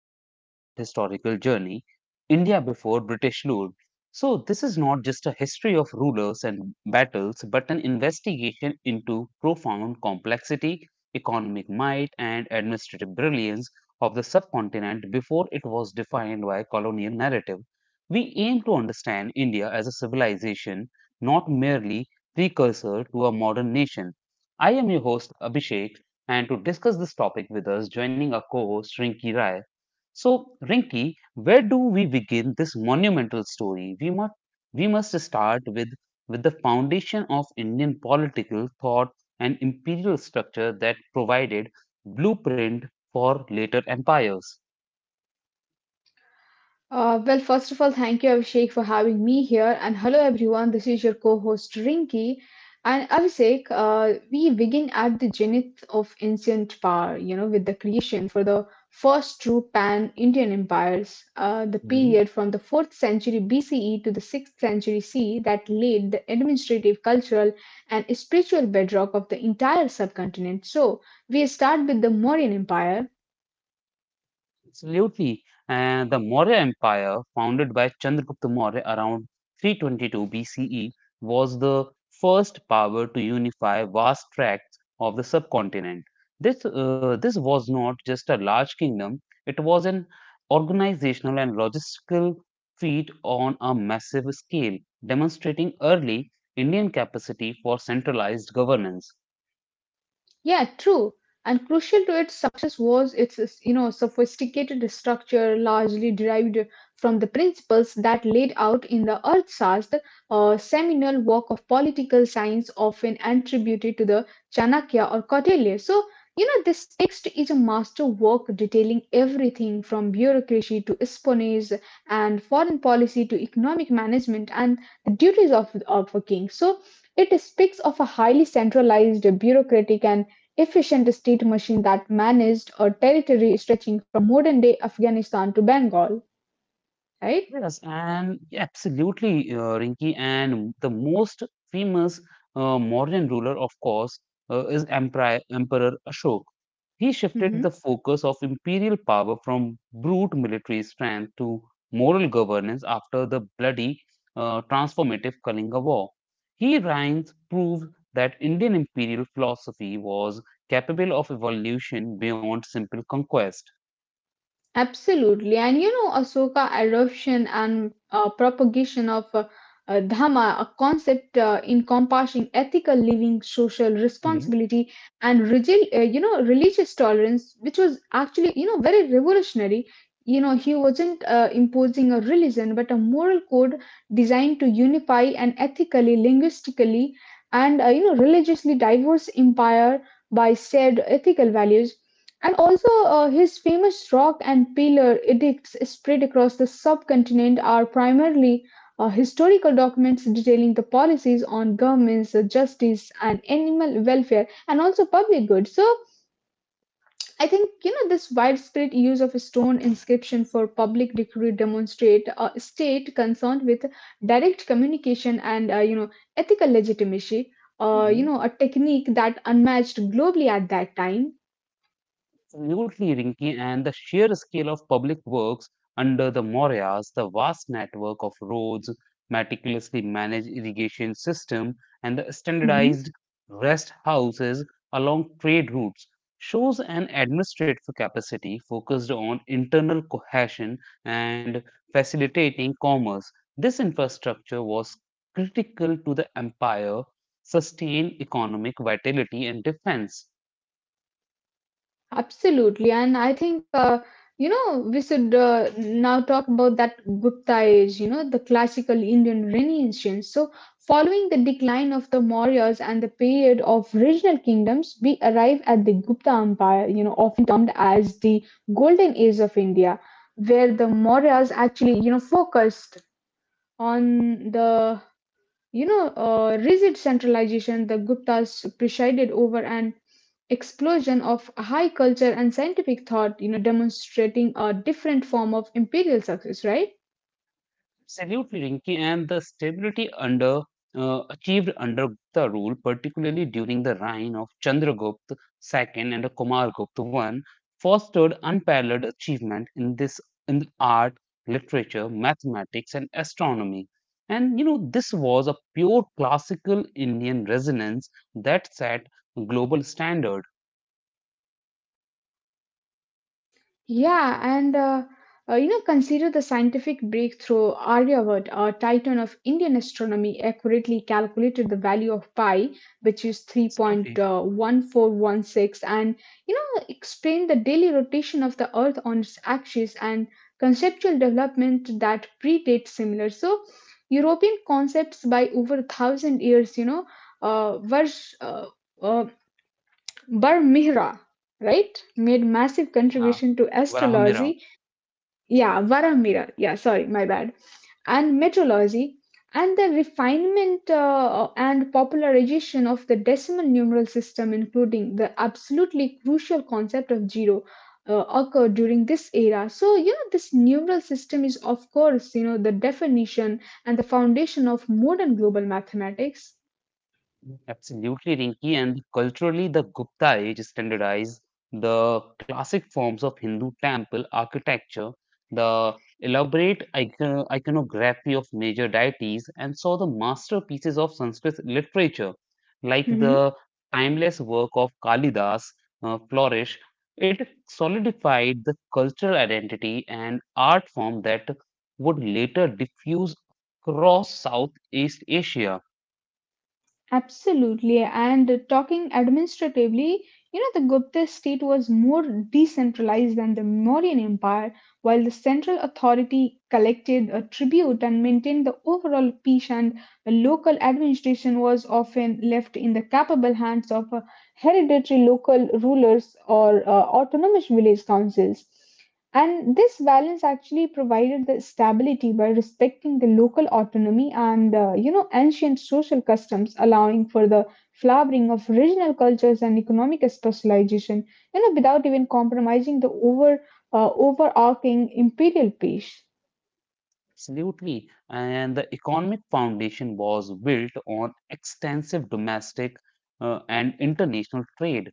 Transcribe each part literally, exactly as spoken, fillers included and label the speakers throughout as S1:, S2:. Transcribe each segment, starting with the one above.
S1: seven-part historical journey, India before British rule. So, this is not just a history of rulers and battles, but an investigation into profound complexity, economic might, and administrative brilliance of the subcontinent before it was defined by colonial narrative. We aim to understand India as a civilization, not merely precursor to a modern nation. I am your host Abhishek, and to discuss this topic with us, joining our co-host Rinki Rai. So, Rinki, where do we begin this monumental story? We must we must start with with the foundation of Indian political thought and imperial structure that provided blueprint for later empires.
S2: Uh, well, first of all, thank you, Abhishek, for having me here. And hello, everyone. This is your co host, Rinki. And Abhishek, uh, we begin at the zenith of ancient power, you know, with the creation for the first true pan Indian empires, uh, the period from the fourth century B C E to the sixth century C E that laid the administrative, cultural, and spiritual bedrock of the entire subcontinent. So, we start with the Mauryan Empire.
S1: Absolutely. And the Maurya Empire, founded by Chandragupta Maurya around three twenty-two B C E, was the first power to unify vast tracts of the subcontinent. This, uh, this was not just a large kingdom, it was an organizational and logistical feat on a massive scale, demonstrating early Indian capacity for centralized governance.
S2: Yeah, true. And crucial to its success was its, you know, sophisticated structure largely derived from the principles that laid out in the Arthashastra, a seminal work of political science often attributed to the Chanakya or Kautilya. So, you know, this text is a master work detailing everything from bureaucracy to espionage and foreign policy to economic management and the duties of, of a king. So, it speaks of a highly centralized, bureaucratic, and efficient state machine that managed a territory stretching from modern day Afghanistan to Bengal, right?
S1: Yes, and yeah, absolutely, uh, Rinki. And the most famous uh, Mauryan ruler, of course, uh, is Emperor, Emperor Ashok. He shifted the focus of imperial power from brute military strength to moral governance after the bloody, uh, transformative Kalinga War. He reigns proved that Indian imperial philosophy was capable of evolution beyond simple conquest.
S2: Absolutely. And you know, Ahsoka adoption and uh, propagation of uh, uh, Dhamma, a concept uh, encompassing ethical living, social responsibility, and rigid, uh, you know, religious tolerance, which was actually, you know, very revolutionary. You know, he wasn't uh, imposing a religion, but a moral code designed to unify an ethically, linguistically, and, uh, you know, religiously diverse empire by shared ethical values and also uh, his famous rock and pillar edicts spread across the subcontinent are primarily uh, historical documents detailing the policies on governments, uh, justice, and animal welfare, and also public good. So I think you know this widespread use of stone inscription for public decree demonstrate a state concerned with direct communication and uh, you know ethical legitimacy. Uh, you
S1: Mhm.
S2: know a technique that unmatched globally at that time.
S1: Absolutely, Rinki, and the sheer scale of public works under the Mauryas, the vast network of roads, meticulously managed irrigation system, and the standardized rest houses along trade routes shows an administrative capacity focused on internal cohesion and facilitating commerce. This infrastructure was critical to the empire, sustain economic vitality and defense.
S2: Absolutely. And I think, uh, you know, we should uh, now talk about that Gupta age, you know, the classical Indian Renaissance. So, following the decline of the Mauryas and the period of regional kingdoms, we arrive at the Gupta Empire, you know, often termed as the Golden Age of India, where the Mauryas actually, you know, focused on the you know, uh, rigid centralization, the Guptas presided over an explosion of high culture and scientific thought, you know, demonstrating a different form of imperial success, right?
S1: Absolutely, Rinki, and the stability under uh, achieved under Gupta rule, particularly during the
S2: Hmm.
S1: reign of Chandragupta
S2: Yeah, yeah,
S1: the Second
S2: it
S1: and
S2: was actually
S1: Kumargupta
S2: achieved
S1: I,
S2: during the Gupta
S1: fostered
S2: rule, uh,
S1: unparalleled
S2: particularly
S1: achievement
S2: during the
S1: in
S2: reign
S1: this
S2: of
S1: in the
S2: Chandragupta,
S1: art,
S2: right?
S1: literature, mathematics, and
S2: Hmm.
S1: astronomy. And you know, this was a pure classical Indian resonance that set global standard.
S2: Yeah, and uh, uh, you know, consider the scientific breakthrough Aryabhat, a titan of Indian astronomy, accurately calculated the value of pi, which is
S1: Absolutely,
S2: three point one four one six, and you know, explained the daily rotation of the Earth on its axis and conceptual development that predates similar. So, European concepts by over a thousand years, you know, uh, were uh, uh, Bar Mihra, right, made massive
S1: yeah,
S2: contribution to
S1: Varahamira.
S2: astrology, yeah, Varamira, yeah, sorry, my bad, and metrology, and the refinement uh, and popularization of the decimal numeral system, including the absolutely crucial concept of zero, uh, occurred during this era. So, you know, this numeral system is, of course, you know, the definition and the foundation of modern global mathematics.
S1: Absolutely, Rinki. And culturally, the Gupta age standardized the classic forms of Hindu temple architecture, the elaborate icon- iconography of major deities, and saw the masterpieces of Sanskrit literature, like
S2: Mm-hmm.
S1: the timeless work of Kalidas uh, flourish. It solidified the cultural identity and art form that would later diffuse across Southeast Asia.
S2: Absolutely. And talking administratively, you know, the Gupta state was more decentralized than the Mauryan Empire, while the central authority collected a tribute and maintained the overall peace, and the local administration was often left in the capable hands of uh, hereditary local rulers or uh, autonomous village councils. And this balance actually provided the stability by respecting the local autonomy and, uh, you know, ancient social customs, allowing for the flowering of regional cultures and economic specialization, you know, without even compromising the over uh, overarching imperial peace.
S1: Absolutely. And the economic foundation was built on extensive domestic uh, and international trade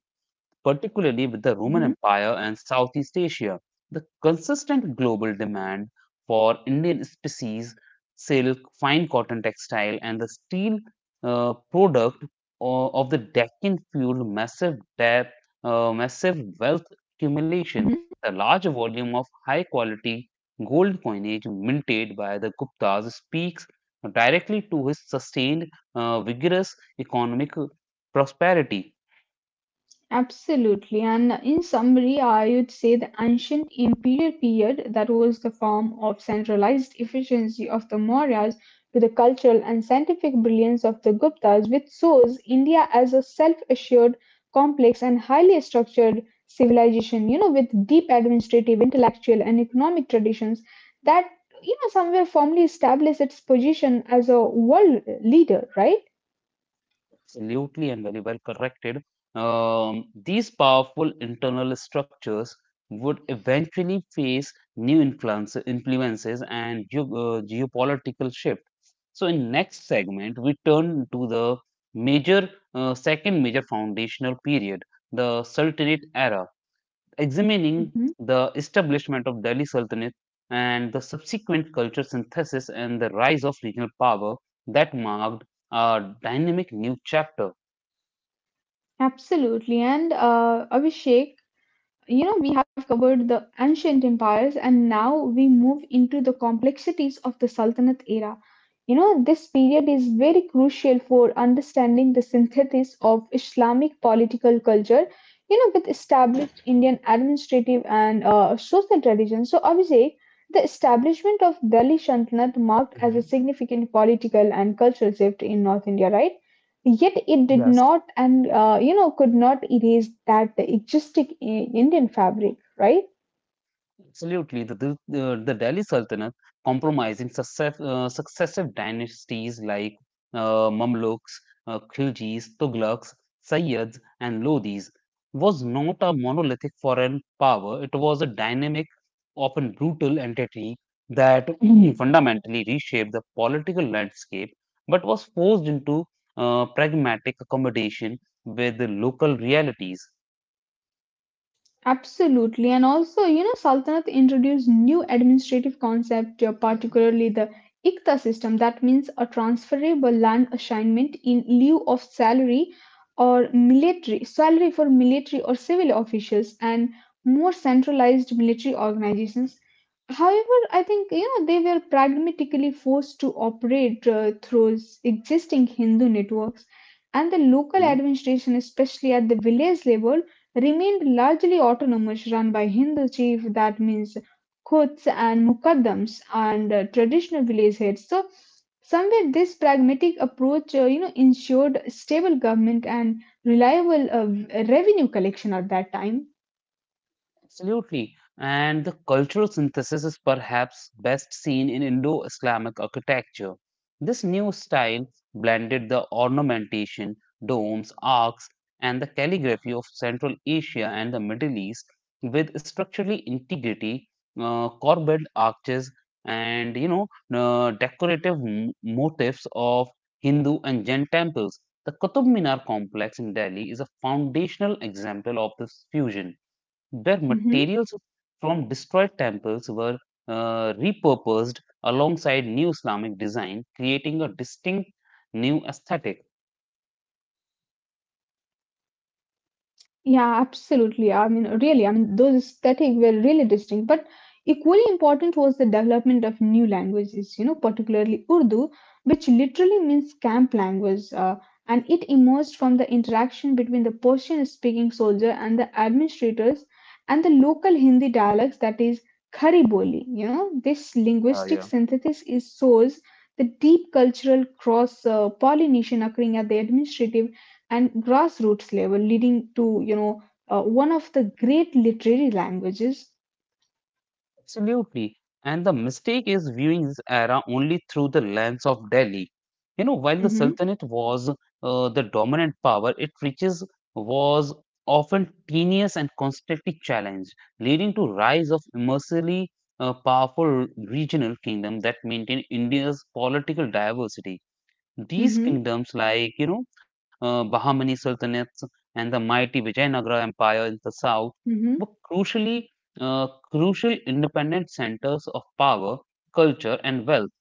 S1: particularly with the Roman
S2: Mhm.
S1: Empire and Southeast Asia. The consistent global demand for Indian species, silk, fine cotton textile, and the steel uh, product o- of the Deccan fueled massive debt, uh, massive wealth accumulation. The large volume of high quality gold coinage minted by the Guptas speaks directly to his sustained, uh, vigorous economic prosperity.
S2: Absolutely. And in summary, I would say the ancient imperial period that was the form of centralized efficiency of the Mauryas to the cultural and scientific brilliance of the Guptas, which shows India as a self assured, complex, and highly structured civilization, you know, with deep administrative, intellectual, and economic traditions that, you know, somewhere firmly established its position as a world leader, right?
S1: Absolutely and very well corrected. Um, these powerful internal structures would eventually face new influence, influences and geo, uh, geopolitical shift. So, in next segment, we turn to the major uh, second major foundational period, the Sultanate era, examining
S2: Mhm.
S1: the establishment of Delhi Sultanate and the subsequent culture synthesis and the rise of regional power that marked a dynamic new chapter.
S2: Absolutely. And uh, Abhishek, You know, we have covered the ancient empires and now we move into the complexities of the Sultanate era. You know, this period is very crucial for understanding the synthesis of Islamic political culture, you know, with established Indian administrative and uh, social traditions. So, Abhishek, the establishment of Delhi Sultanate marked as a significant political and cultural shift in North India, right? Yet it did
S1: Yes,
S2: not and uh, you know could not erase that existing I- Indian fabric, right?
S1: absolutely. The, the, the the Delhi Sultanate compromising success, uh, successive dynasties like uh, Mamluks, uh, Khiljis, Tughlaqs, Sayyids, and Lodhis was not a monolithic foreign power. It was a dynamic, often brutal entity that fundamentally reshaped the political landscape, but was forced into uh, pragmatic accommodation with the local realities.
S2: Absolutely. And also, you know, Saltanat introduced new administrative concept, uh, particularly the Ikta system. That means a transferable land assignment in lieu of salary or military, salary for military or civil officials and more centralized military organizations. However, I think, you know, they were pragmatically forced to operate uh, through s- existing Hindu networks and the local
S1: Mm-hmm.
S2: administration, especially at the village level remained largely autonomous, run by Hindu chief. That means Khuts and Mukaddams and uh, traditional village heads. So somewhere this pragmatic approach, uh, you know, ensured stable government and reliable uh, revenue collection at that time.
S1: Absolutely. And the cultural synthesis is perhaps best seen in Indo Islamic architecture. This new style blended the ornamentation, domes, arcs, and the calligraphy of Central Asia and the Middle East with structurally integrity, uh, corbelled arches, and you know, uh, decorative m- motifs of Hindu and Jain temples. The Qutub Minar complex in Delhi is a foundational example of this fusion. Their
S2: Mhm.
S1: materials from destroyed temples were uh, repurposed alongside new Islamic design, creating a distinct new aesthetic.
S2: Yeah, absolutely. I mean, really, I mean, those aesthetic were really distinct, but equally important was the development of new languages, you know, particularly Urdu, which literally means camp language, uh, and it emerged from the interaction between the Persian-speaking soldier and the administrators and the local Hindi dialects, that is Khari Boli. You know, this
S1: Yeah,
S2: linguistic
S1: yeah.
S2: synthesis is shows the deep cultural cross uh, pollination occurring at the administrative and grassroots level, leading to you know uh, one of the great literary languages.
S1: Absolutely. And the mistake is viewing this era only through the lens of Delhi. You know, while the
S2: Hmm.
S1: Sultanate was uh, the dominant power, it riches was often tenuous and constantly challenged, leading to rise of immersely uh, powerful regional kingdoms that maintain India's political diversity. These
S2: Hmm.
S1: kingdoms, like you know, uh, Bahmani Sultanates and the mighty Vijayanagara Empire in the south,
S2: Hmm.
S1: were crucially uh, crucial independent centers of power, culture, and wealth.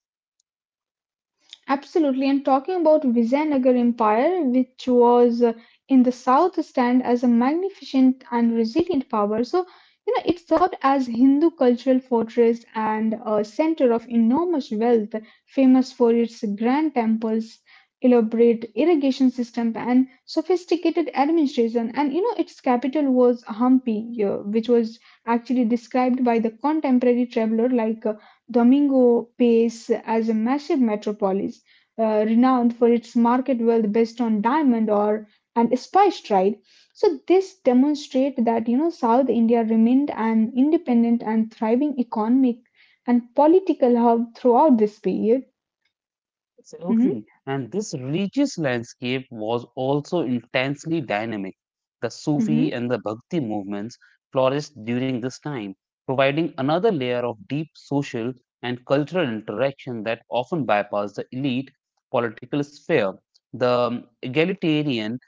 S2: Absolutely. And talking about Vijayanagar Empire, which was uh, in the south stand as a magnificent and resilient power. So, you know, it served as Hindu cultural fortress and a center of enormous wealth, famous for its grand temples, elaborate irrigation system, and sophisticated administration. And, you know, its capital was Hampi, uh, which was actually described by the contemporary traveler like uh, Domingo Pace as a massive metropolis uh, renowned for its market wealth based on diamond or and spice trade. So this demonstrate that you know South India remained an independent and thriving economic and political hub throughout this period. Hmm.
S1: Absolutely. And this religious landscape was also intensely dynamic. The
S2: Hmm.
S1: Sufi and the Bhakti movements flourished during this time, providing another layer of deep social and cultural interaction that often bypassed the elite political sphere. The um, egalitarian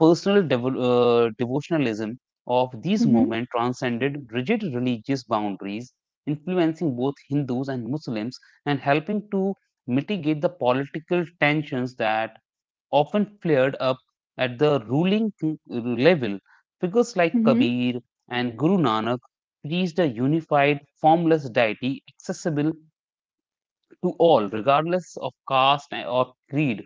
S1: personal devo- uh, devotionalism of these
S2: Hmm.
S1: movements transcended rigid religious boundaries, influencing both Hindus and Muslims and helping to mitigate the political tensions that often flared up at the ruling king- level. Figures like
S2: Hmm.
S1: Kabir and Guru Nanak preached a unified, formless deity accessible to all, regardless of caste or creed.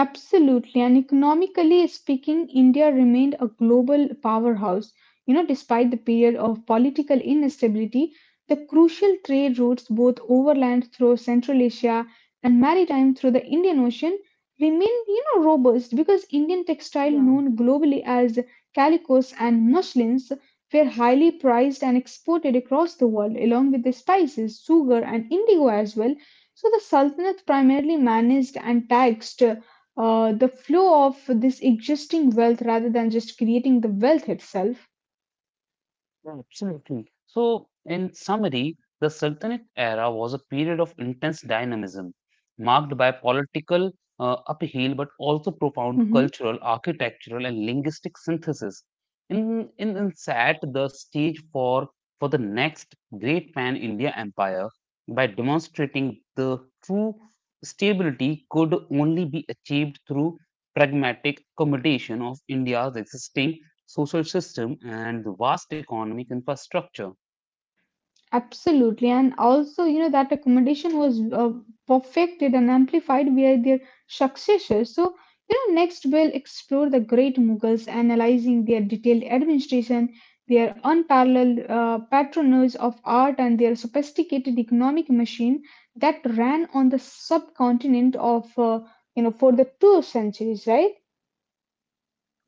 S2: Absolutely. And economically speaking, India remained a global powerhouse. You know, despite the period of political instability, the crucial trade routes, both overland through Central Asia and maritime through the Indian Ocean, remain, you know, robust because Indian textile known globally as calicos and muslins were highly prized and exported across the world, along with the spices, sugar, and indigo as well. So the Sultanate primarily managed and taxed uh, the flow of this existing wealth rather than just creating the wealth itself.
S1: Yeah, absolutely. So, in summary, the Sultanate era was a period of intense dynamism, marked by political uh, upheaval but also profound
S2: Mhm.
S1: cultural, architectural, and linguistic synthesis. In, in, in set the stage for, for the next great pan India empire by demonstrating the true stability could only be achieved through pragmatic accommodation of India's existing social system and the vast economic infrastructure.
S2: Absolutely. And also, you know, that accommodation was uh, perfected and amplified via their successors. So, you know, next we'll explore the great Mughals, analyzing their detailed administration, their unparalleled uh, patronage of art, and their sophisticated economic machine that ran on the subcontinent of, uh, you know, for the two centuries, right?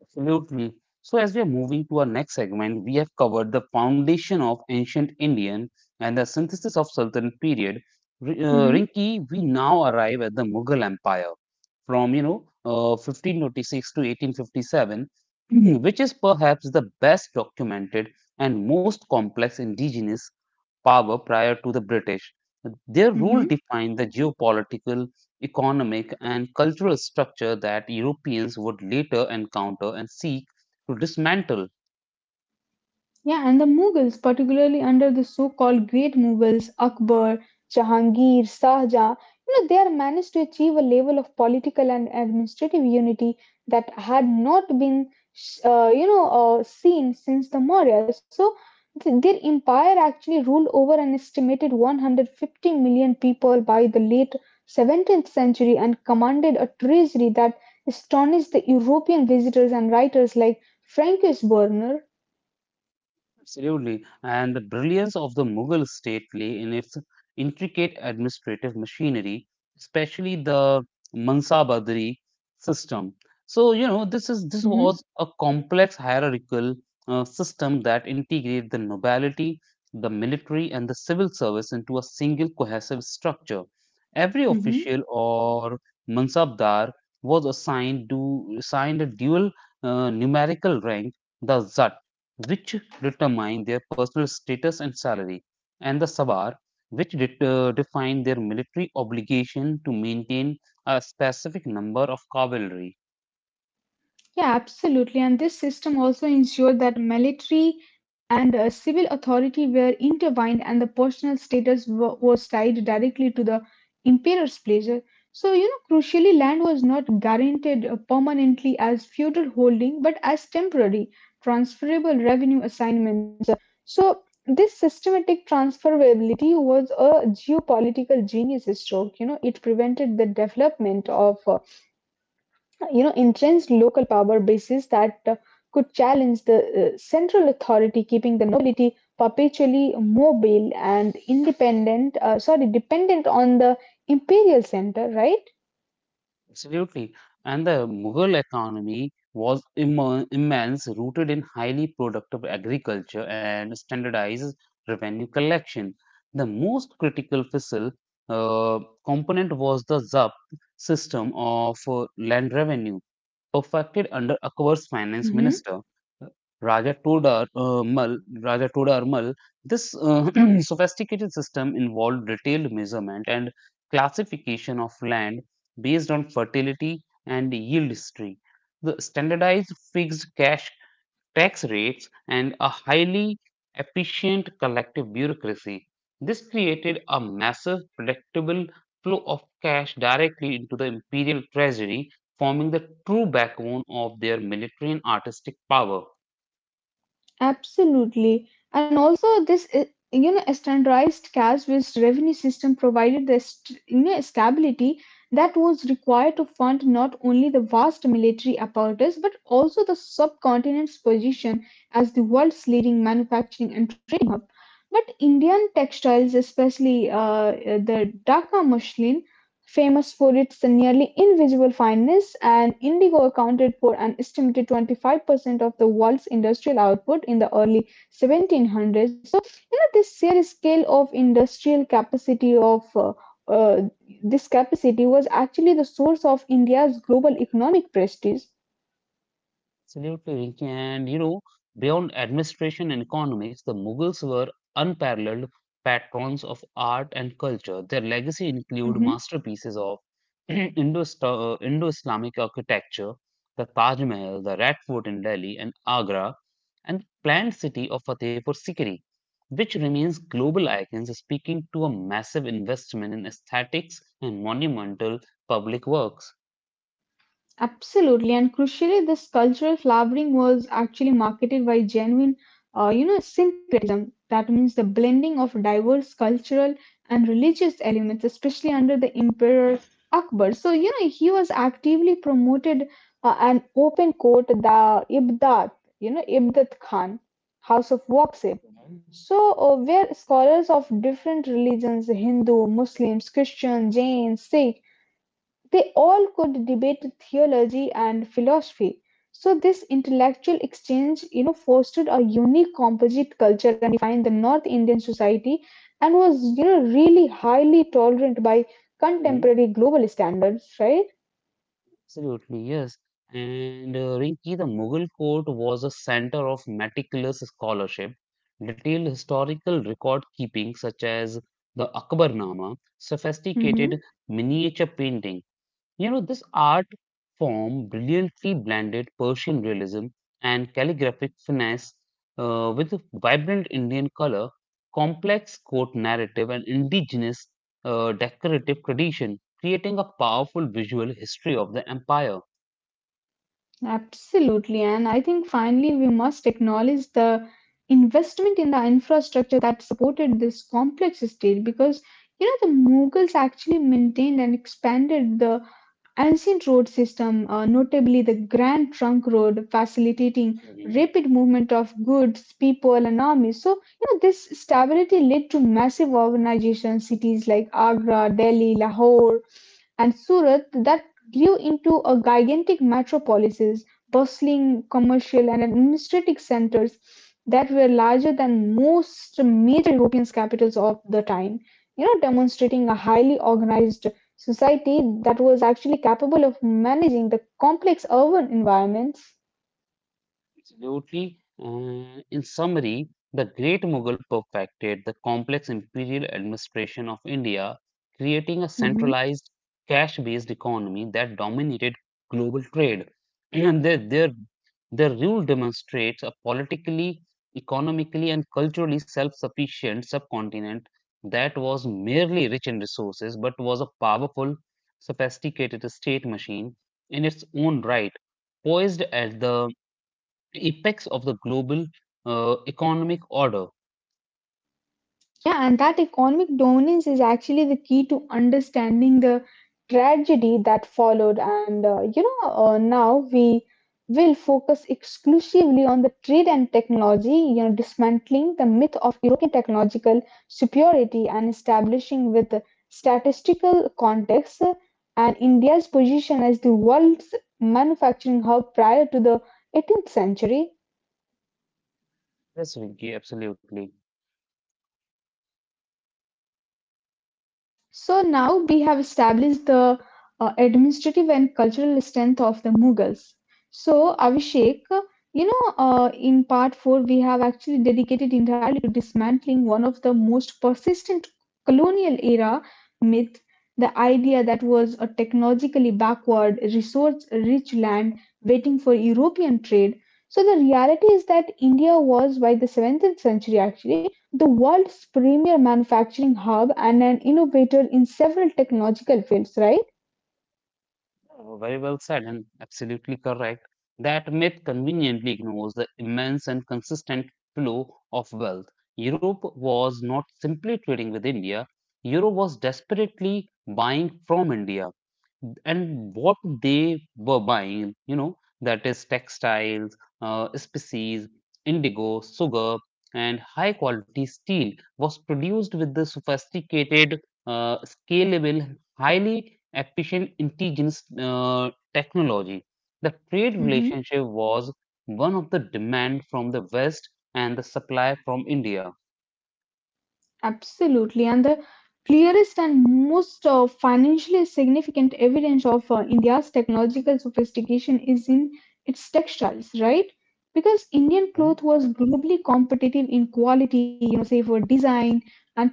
S1: Absolutely. So, as we are moving to our next segment, we have covered the foundation of ancient Indian and the synthesis of Sultan period. R- uh,
S2: Hmm.
S1: Rinki, we now arrive at the Mughal Empire from you know uh, fifteen twenty-six to eighteen fifty-seven, which is perhaps the best documented and most complex indigenous power prior to the British. Their
S2: Hmm.
S1: rule defined the geopolitical, economic, and cultural structure that Europeans would later encounter and seek to dismantle.
S2: Yeah, and the Mughals, particularly under the so-called Great Mughals, Akbar, Jahangir, Shah Jahan, you know, they are managed to achieve a level of political and administrative unity that had not been, uh, you know, uh, seen since the Maurya. So th- their empire actually ruled over an estimated 150 million people by the late seventeenth century and commanded a treasury that astonished the European visitors and writers like Francis Werner.
S1: Absolutely. And the brilliance of the Mughal state lay in its intricate administrative machinery, especially the Mansabadari system. So, you know, this is this was a complex hierarchical uh, system that integrated the nobility, the military, and the civil service into a single cohesive structure. Every
S2: Hmm.
S1: official or mansabdar was assigned to assigned a dual uh, numerical rank, the zat which determine their personal status and salary, and the Savar, which det- uh, define their military obligation to maintain a specific number of cavalry.
S2: Yeah, absolutely. And this system also ensured that military and uh, civil authority were intertwined and the personal status wa- was tied directly to the emperor's pleasure. So, you know, crucially, land was not guaranteed uh, permanently as feudal holding, but as temporary, transferable revenue assignments. So, this systematic transferability was a geopolitical genius stroke. You know, it prevented the development of uh, you know entrenched local power bases that uh, could challenge the uh, central authority keeping the nobility perpetually mobile and independent uh, sorry dependent on the imperial center, right?
S1: Absolutely. And the Mughal economy was immo- immense, rooted in highly productive agriculture and standardized revenue collection. The most critical fiscal uh, component was the Z A P system of uh, land revenue perfected under Akbar's finance
S2: Hmm.
S1: minister Raja Todar uh, Mal. Raja Todar This uh, sophisticated system involved detailed measurement and classification of land based on fertility and yield history. The standardized fixed cash tax rates, and a highly efficient collective bureaucracy. This created a massive, predictable flow of cash directly into the imperial treasury, forming the true backbone of their military and artistic power.
S2: Absolutely, and also this uh, you know standardized cash-based revenue system provided the st- you know stability that was required to fund not only the vast military apparatus but also the subcontinent's position as the world's leading manufacturing and. But Indian textiles, especially uh, uh, the Dhaka muslin, famous for its nearly invisible fineness, and indigo accounted for an estimated twenty-five percent of the world's industrial output in the early seventeen hundreds. So, you know, this sheer scale of industrial capacity of uh, uh, this capacity was actually the source of India's global economic prestige.
S1: Absolutely, Rinki. And you know, beyond administration and economics, the Mughals were unparalleled patrons of art and culture. Their legacy include
S2: Mm-hmm.
S1: masterpieces of Indo Islamic architecture, the Taj Mahal, the Red Fort in Delhi and Agra, and planned city of Fatehpur Sikri, which remains global icons speaking to a massive investment in aesthetics and monumental public works.
S2: Absolutely, and crucially, this cultural flowering was actually marketed by genuine, uh, you know, syncretism. That means the blending of diverse cultural and religious elements, especially under the Emperor Akbar. So, you know, he was actively promoted uh, an open court, the Ibdat, you know, Ibdat Khan, House of Waqsif. So, uh, where scholars of different religions, Hindu, Muslims, Christian, Jain, Sikh, they all could debate theology and philosophy, so this intellectual exchange, you know, fostered a unique composite culture and defined the North Indian society and was, you know, really highly tolerant by
S1: Mhm.
S2: contemporary global standards, right?
S1: Absolutely, yes. And uh, Rinki, the Mughal court was a center of meticulous scholarship, detailed historical record keeping, such as the Akbarnama,
S2: hmm
S1: sophisticated miniature painting. You know, this art form brilliantly blended Persian realism and calligraphic finesse uh, with vibrant Indian color, complex court narrative, and indigenous uh, decorative tradition, creating a powerful visual history of the empire.
S2: Absolutely. And I think finally we must acknowledge the investment in the infrastructure that supported this complex state because you know the Mughals actually maintained and expanded the ancient road system, uh, notably the Grand Trunk Road, facilitating
S1: Mhm,
S2: rapid movement of goods, people, and armies. So you know, this stability led to massive urbanization. Cities like Agra, Delhi, Lahore, and Surat that grew into a gigantic metropolises, bustling commercial and administrative centers that were larger than most major European capitals of the time. You know, demonstrating a highly organized society that was actually capable of managing the complex urban environments.
S1: absolutely. Uh, in summary, the Great Mughal perfected the complex imperial administration of India, creating a
S2: Mhm.
S1: centralized, cash based economy that dominated global trade. And their, their, their rule demonstrates a politically, economically, and culturally self sufficient subcontinent that was merely rich in resources but was a powerful, sophisticated state machine in its own right poised at the the apex of the global uh, economic order.
S2: Yeah, and that economic dominance is actually the key to understanding the tragedy that followed. And uh, you know, uh, now we will focus exclusively on the trade and technology, you know, dismantling the myth of European technological superiority and establishing with statistical context and India's position as the world's manufacturing hub prior to the eighteenth century.
S1: Yes, Vinky, absolutely.
S2: So now we have established the uh, administrative and cultural strength of the Mughals. So Abhishek, you know, uh, in part four we have actually dedicated entirely to dismantling one of the most persistent colonial era myth, the idea that was a technologically backward, resource-rich land waiting for European trade. So the reality is that India was by the seventeenth century actually the world's premier manufacturing hub and an innovator in several technological fields, right?
S1: Uh, very well said and absolutely correct. That myth conveniently ignores the immense and consistent flow of wealth. Europe was not simply trading with India, Europe was desperately buying from India. And what they were buying, you know, that is textiles, uh, species, indigo, sugar, and high quality steel was produced with the sophisticated, uh, scalable, highly efficient indigenous uh, technology. The trade relationship was one of the demand from the West and the supply from India.
S2: Absolutely, and the clearest and most uh, financially significant evidence of uh, India's technological sophistication is in its textiles, right? Because Indian cloth was globally competitive in quality, you know, say for design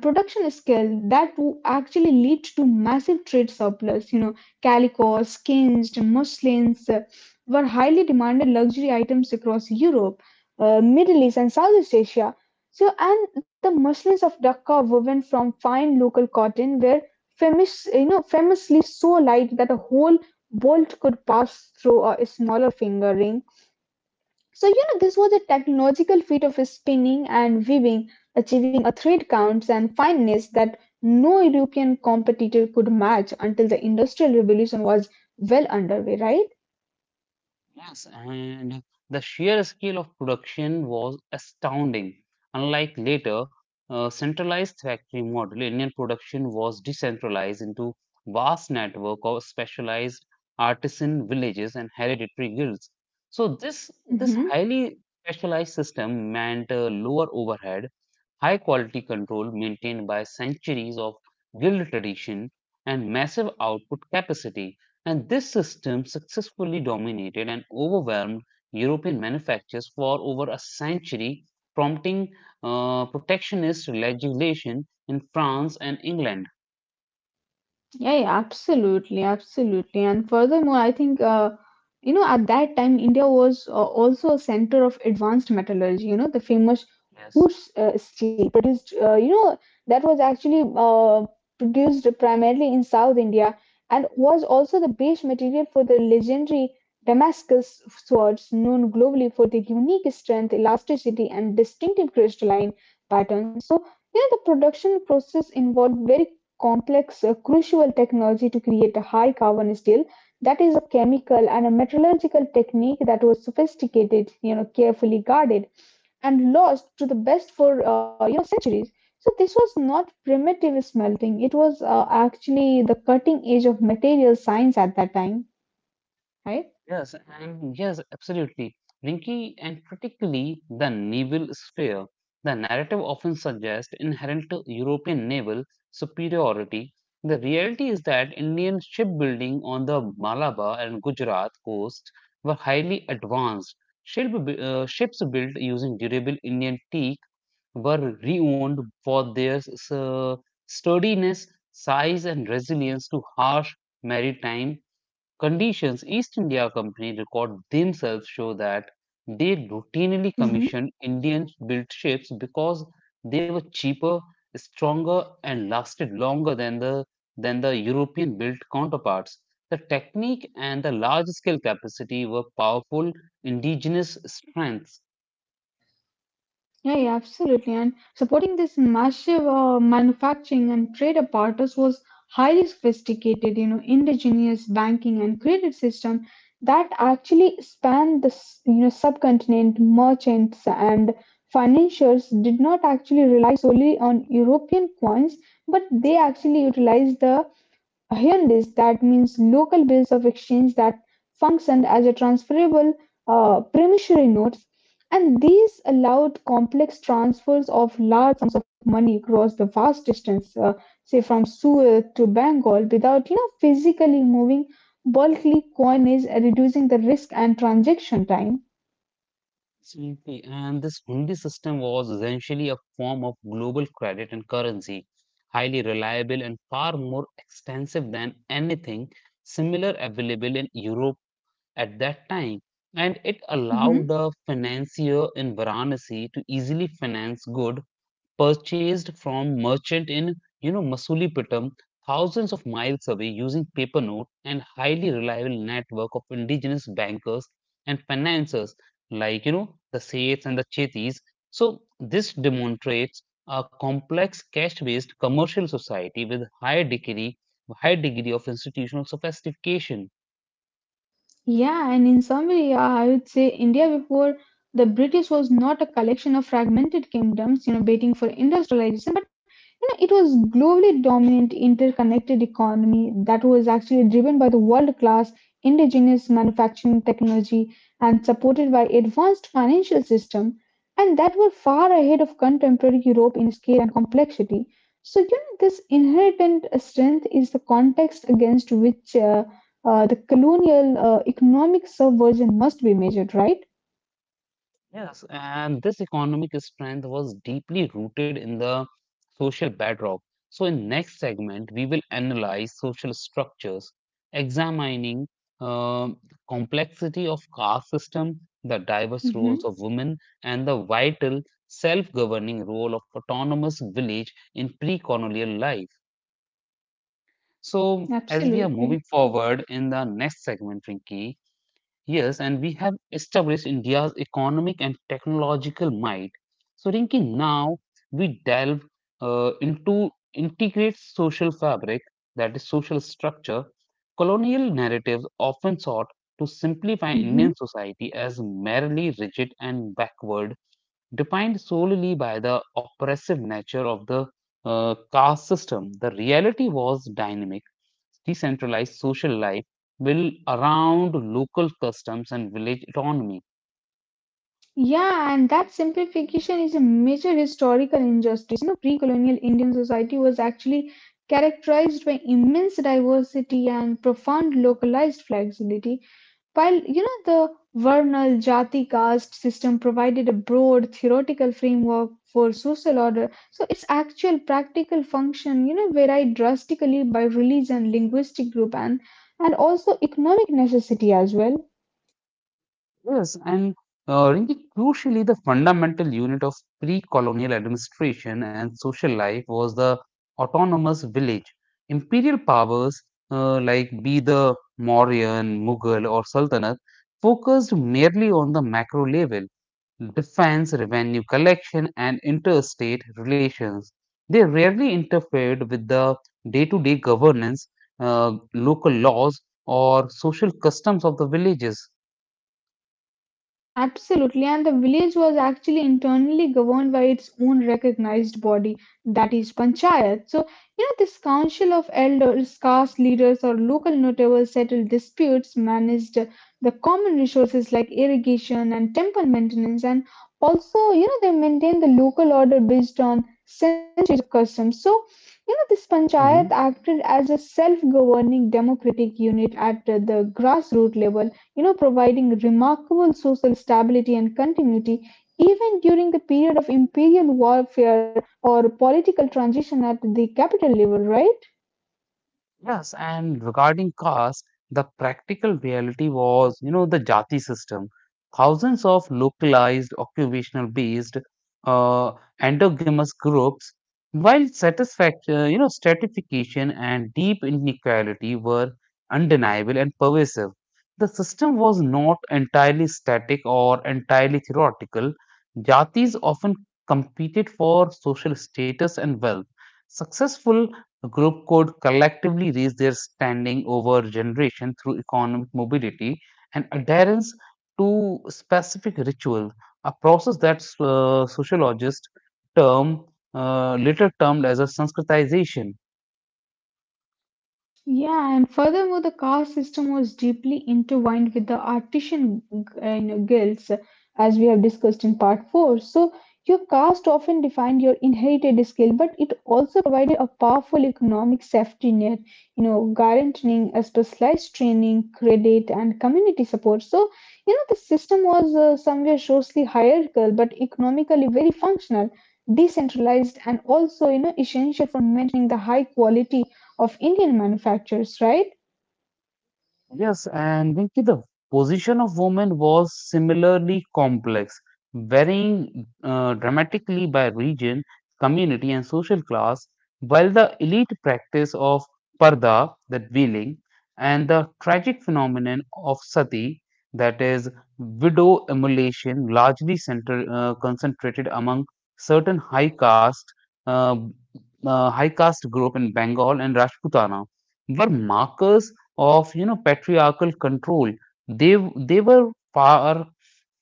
S2: and production scale, that would actually lead to massive trade surplus. You know, calicos, skins, muslins uh, were highly demanded luxury items across Europe, uh, Middle East, and Southeast Asia. So, and the Muslims of Dhaka are woven from fine local cotton, were famous, you know, famously so light that a whole bolt could pass through a smaller finger ring. So, you know, this was a technological feat of spinning and weaving, achieving a thread count and fineness that no European competitor could match until the Industrial Revolution was well underway, right?
S1: Yes, and the sheer scale of production was astounding. Unlike later uh, centralized factory model, Indian production was decentralized into vast network of specialized artisan villages and hereditary guilds. So this this
S2: Mhm.
S1: highly specialized system meant uh, lower overhead, high quality control maintained by centuries of guild tradition and massive output capacity and this system successfully dominated and overwhelmed European manufacturers for over a century, prompting uh, protectionist legislation in France and England.
S2: Yeah, yeah, absolutely, absolutely. And furthermore, I think, uh, you know, at that time, India was uh, also a center of advanced metallurgy. You know, the famous
S1: Yes.
S2: Urus uh, steel produced, uh, you know, that was actually uh, produced primarily in South India and was also the base material for the legendary Damascus swords, known globally for their unique strength, elasticity, and distinctive crystalline patterns. So, you know, the production process involved very complex, uh, crucial technology to create a high carbon steel. That is a chemical and a metallurgical technique that was sophisticated, you know, carefully guarded and lost to the best for uh, you know centuries. So this was not primitive smelting; it was uh, actually the cutting edge of material science at that time, right?
S1: Yes, and yes, absolutely. Rinky, and particularly the naval sphere, the narrative often suggests inherent European naval superiority. The reality is that Indian shipbuilding on the Malabar and Gujarat coast were highly advanced. Ship, uh, ships built using durable Indian teak were renowned for their uh, sturdiness, size, and resilience to harsh maritime conditions. East India Company records themselves show that they routinely
S2: Mhm.
S1: commissioned Indian-built ships because they were cheaper, stronger, and lasted longer than the than the European-built counterparts. The technique and the large-scale capacity were powerful indigenous strengths.
S2: Yeah, yeah, absolutely. And supporting this massive uh, manufacturing and trade apparatus was highly sophisticated, you know, indigenous banking and credit system that actually spanned the, s- you know, subcontinent. Merchants and financiers did not actually rely solely on European coins, but they actually utilized the hirndis, that means local bills of exchange that functioned as a transferable uh, promissory notes, and these allowed complex transfers of large sums of money across the vast distance, uh, say from Suez to Bengal, without you know physically moving bulky coinage, uh, reducing the risk and transaction time.
S1: Absolutely. And this hundi system was essentially a form of global credit and currency, highly reliable and far more extensive than anything similar available in Europe at that time. And it allowed
S2: Mhm.
S1: a financier in Varanasi to easily finance good purchased from merchant in you know Masulipatam, thousands of miles away, using paper note and highly reliable network of indigenous bankers and financiers like you know the Seths and the Chetis. So this demonstrates a complex cash-based commercial society with high degree high degree of institutional sophistication.
S2: Yeah, and in summary, yeah, I would say India before the British was not a collection of fragmented kingdoms, you know, waiting for industrialization. You know, it was globally dominant interconnected economy that was actually driven by the world-class indigenous manufacturing technology and supported by advanced financial system and that were far ahead of contemporary Europe in scale and complexity. So you know, this inherent strength is the context against which uh, uh, the colonial uh, economic subversion must be measured, right?
S1: Yes, and this economic strength was deeply rooted in the social bedrock. So in next segment, we will analyze social structures, examining um, complexity of caste system, the diverse
S2: hmm
S1: roles of women, and the vital self-governing role of autonomous village in pre-colonial life. So as we are
S2: Absolutely.
S1: moving forward in the next segment, Rinki. Yes, and we have established India's economic and technological might. So, Rinki, now we delve uh, into integrate social fabric, that is social structure. Colonial narratives often sought to simplify
S2: hmm
S1: Indian society as merely rigid and backward, defined solely by the oppressive nature of the uh, caste system. The reality was dynamic, decentralized social life built around local customs and village autonomy.
S2: Yeah, and that simplification is a major historical injustice. You know, pre-colonial Indian society was actually characterized by immense diversity and profound localized flexibility. While you know the Varnal Jati caste system provided a broad theoretical framework for social order, so its actual practical function you know varied drastically by religion, linguistic group, and and also economic necessity as well.
S1: Yes, and uh, Rinki, crucially, the fundamental unit of pre colonial administration and social life was the autonomous village. Imperial powers uh, like be the Mauryan, Mughal, or Sultanate focused merely on the macro level defense, revenue collection, and interstate relations. They rarely interfered with the day to day governance, uh, local laws, or social customs of the villages.
S2: Absolutely, and the village was actually internally governed by its own recognized body, that is panchayat. So, you know, this council of elders, caste leaders, or local notables settled disputes, managed the common resources like irrigation and temple maintenance, and also, you know, they maintained the local order based on centuries of customs. So, you know, this panchayat acted as a self governing democratic unit at the grassroots level, you know, providing remarkable social stability and continuity even during the period of imperial warfare or political transition at the capital level, right?
S1: Yes, and regarding caste, the practical reality was, you know, the jati system. Thousands of localized occupational-based uh, endogamous groups, while satisfaction, you know, stratification and deep inequality were undeniable and pervasive. The system was not entirely static or entirely theoretical. Jatis often competed for social status and wealth. Successful group could collectively raise their standing over generation through economic mobility and adherence to specific ritual, a process that uh, sociologists term uh, later termed as a Sanskritization.
S2: Yeah, and furthermore, the caste system was deeply intertwined with the artisan uh, you know, guilds, as we have discussed in part four. So, your caste often defined your inherited skill, but it also provided a powerful economic safety net, you know, guaranteeing a specialized training, credit, and community support. So, you know, the system was uh, somewhere socially hierarchical, but economically very functional, decentralized, and also, you know, essential for maintaining the high quality of Indian manufacturers, right?
S1: Yes, and Venki, the position of women was similarly complex, varying uh, dramatically by region, community, and social class. While the elite practice of parda, that veiling, and the tragic phenomenon of sati, that is widow immolation, largely center, uh, concentrated among certain high caste uh, uh, high caste group in Bengal and Rajputana, were markers of you know patriarchal control, they they were far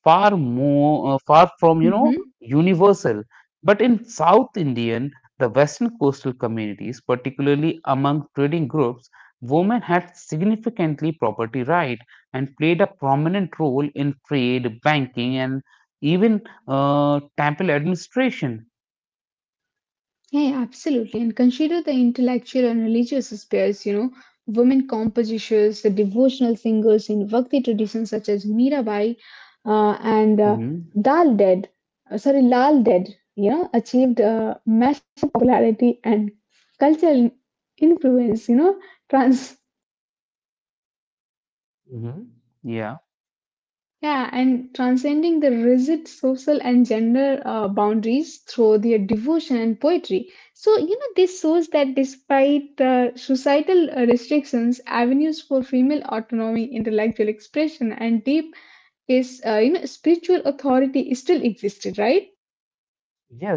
S1: far more uh, far from you know
S2: Mm-hmm.
S1: universal, but in south indian the western coastal communities, particularly among trading groups, women had significantly property right and played a prominent role in trade, banking, and even uh, temple administration.
S2: Yeah, yeah, absolutely. And consider the intellectual and religious spheres, you know, women composers, the devotional singers in Bhakti traditions such as Mirabai uh, and uh,
S1: Hmm
S2: Dal Dead, uh, sorry, Lal Dead, you know, achieved uh, massive popularity and cultural influence, you know, trans—
S1: hmm yeah.
S2: Yeah, and transcending the rigid social and gender uh, boundaries through their devotion and poetry. So, you know, this shows that despite uh, societal uh, restrictions, avenues for female autonomy, intellectual expression, and deep is, uh, you know, spiritual authority still existed, right?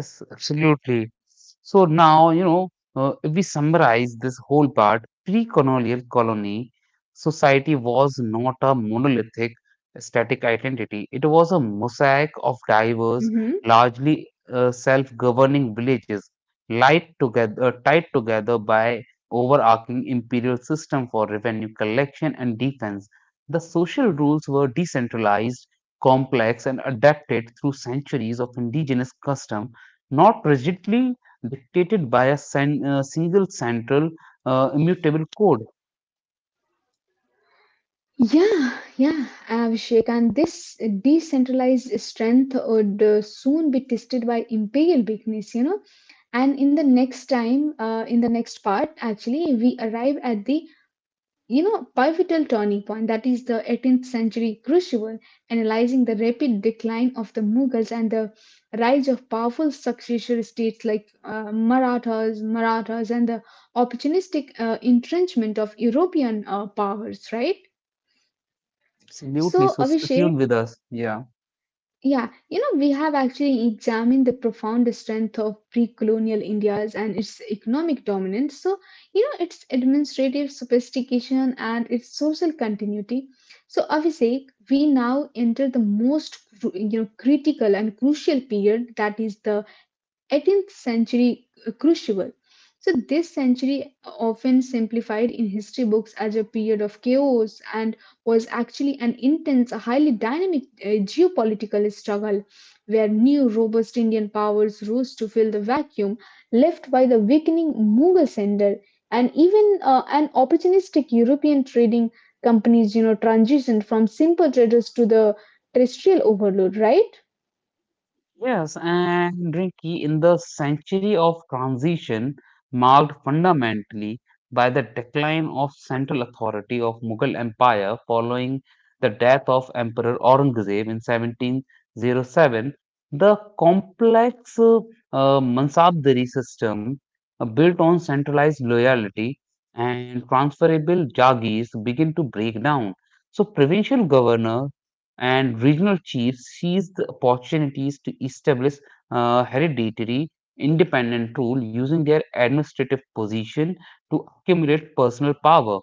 S1: Yes, absolutely. So now, you know, uh, if we summarize this whole part, pre-colonial colony society was not a monolithic static identity. It was a mosaic of diverse,
S2: Mm-hmm.
S1: largely uh, self-governing villages, light together, uh, tied together by overarching imperial system for revenue collection and defense. The social rules were decentralized, complex, and adapted through centuries of indigenous custom, not rigidly dictated by a sen- uh, single central uh, immutable code.
S2: Yeah, yeah, Abhishek. And this decentralized strength would uh, soon be tested by imperial weakness, you know. And in the next time, uh, in the next part, actually, we arrive at the, you know, pivotal turning point that is the eighteenth century crucible, analyzing the rapid decline of the Mughals and the rise of powerful successor states like uh, Marathas, Marathas, and the opportunistic uh, entrenchment of European uh, powers, right?
S1: Absolutely.
S2: So,
S1: So stay
S2: Abhishek,
S1: tuned with us. Yeah.
S2: yeah, you know, we have actually examined the profound strength of pre colonial India's and its economic dominance. So, you know, its administrative sophistication and its social continuity. So, Abhishek, we now enter the most, cru- you know, critical and crucial period that is the eighteenth century crucible. So, this century, often simplified in history books as a period of chaos, and was actually an intense, highly dynamic uh, geopolitical struggle where new, robust Indian powers rose to fill the vacuum left by the weakening Mughal sender. And even uh, an opportunistic European trading companies, you know, transitioned from simple traders to the terrestrial overload, right?
S1: Yes, and Rinki, in the century of transition, marked fundamentally by the decline of central authority of Mughal Empire following the death of Emperor Aurangzeb in seventeen oh seven, the complex uh, uh, Mansabdari system uh, built on centralized loyalty and transferable jagis begin to break down. So, provincial governors and regional chiefs seized the opportunities to establish uh, hereditary independent rule using their administrative position to accumulate personal power.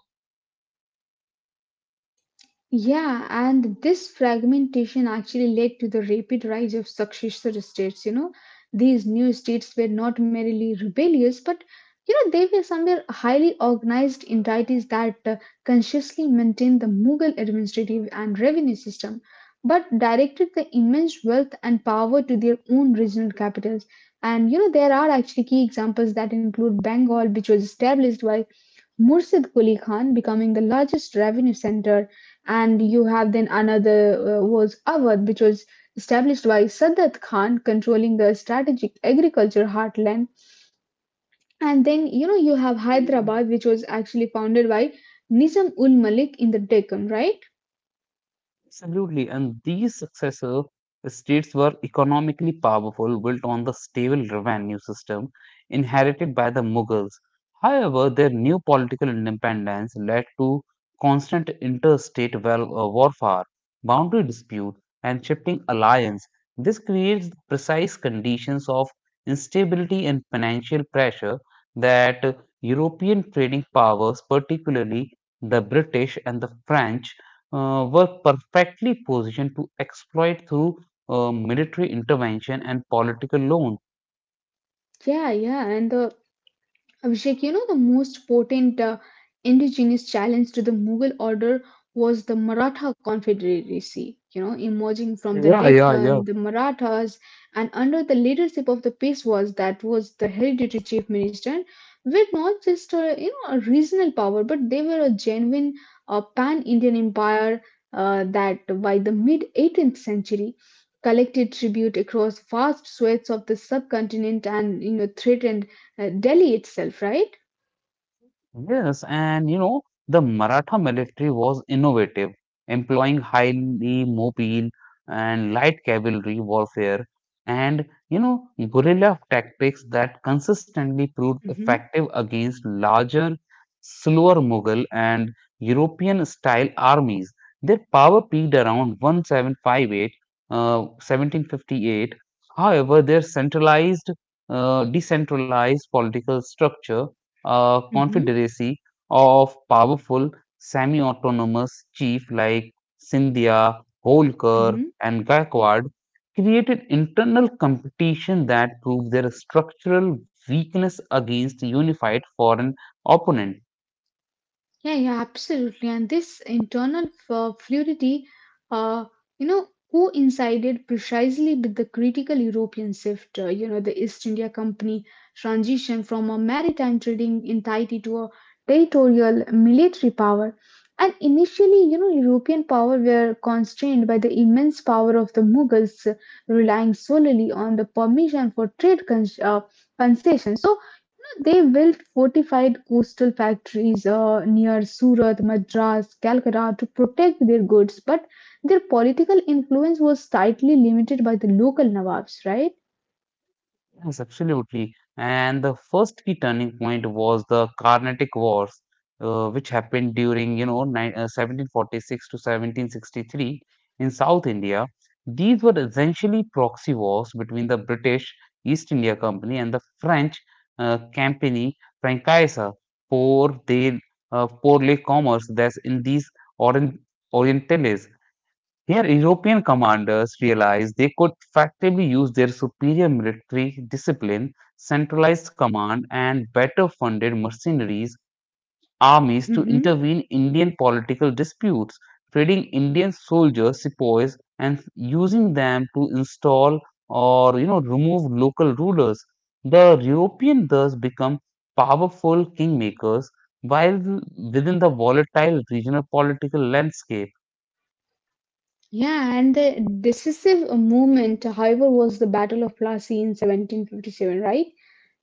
S2: Yeah, and this fragmentation actually led to the rapid rise of successor states. You know, these new states were not merely rebellious, but you know, they were somewhere highly organized entities that uh, consciously maintained the Mughal administrative and revenue system, but directed the immense wealth and power to their own regional capitals. And you know, there are actually key examples that include Bengal, which was established by Murshid Quli Khan becoming the largest revenue center, and you have then another uh, was Awadh, which was established by Sadat Khan, controlling the strategic agriculture heartland. And then you know you have Hyderabad, which was actually founded by Nizam ul Malik in the Deccan, right?
S1: Absolutely, and these successor states were economically powerful, built on the stable revenue system inherited by the Mughals. However, their new political independence led to constant interstate wel- uh, warfare, boundary dispute, and shifting alliance. This creates the precise conditions of instability and financial pressure that European trading powers, particularly the British and the French, uh, were perfectly positioned to exploit through uh, military intervention and political loans.
S2: Yeah, yeah, and the Abhishek, you know, the most potent uh, indigenous challenge to the Mughal order was the Maratha Confederacy. You know, emerging from the
S1: Yeah, yeah, yeah.
S2: Deccan, the Marathas, and under the leadership of the Peshwas, that was the hereditary chief minister, were not just a, you know, a regional power, but they were a genuine uh, pan-Indian empire uh, that by the mid-eighteenth century collected tribute across vast swathes of the subcontinent and you know threatened uh, Delhi itself, right?
S1: Yes, and you know, the Maratha military was innovative, employing highly mobile and light cavalry warfare and, you know, guerrilla tactics that consistently proved
S2: hmm
S1: effective against larger, slower Mughal and European style armies. Their power peaked around seventeen fifty-eight, uh, seventeen fifty-eight. However, their centralized, uh, decentralized political structure, a
S2: hmm
S1: confederacy of powerful semi-autonomous chiefs like Sindhya, Holkar,
S2: hmm
S1: and Gaikwad, created internal competition that proved their structural weakness against unified foreign opponent.
S2: Yeah, yeah, absolutely. And this internal f- fluidity, uh, you know, coincided precisely with the critical European shift. Uh, you know, the East India Company transition from a maritime trading entity to a territorial military power. And initially, you know, European power were constrained by the immense power of the Mughals, uh, relying solely on the permission for trade cons- uh, concessions. So, They built fortified coastal factories uh, near Surat, Madras, Calcutta to protect their goods, but their political influence was tightly limited by the local Nawabs, right?
S1: Yes, absolutely. And the first key turning point was the Carnatic Wars, uh, which happened during, you know, ni- uh, seventeen forty-six to seventeen sixty-three in South India. These were essentially proxy wars between the British East India Company and the French uh, company Francaise pour des uh, pour les commerces that's in these orient Orientales. Here, European commanders realized they could effectively use their superior military discipline, centralized command, and better funded mercenaries armies to
S2: Hmm.
S1: intervene in Indian political disputes, trading Indian soldiers, sepoys, and using them to install or you know remove local rulers. The European thus become powerful kingmakers while within the volatile regional political landscape.
S2: Yeah, and the decisive moment, however, was the Battle of Plassey in seventeen fifty-seven, right?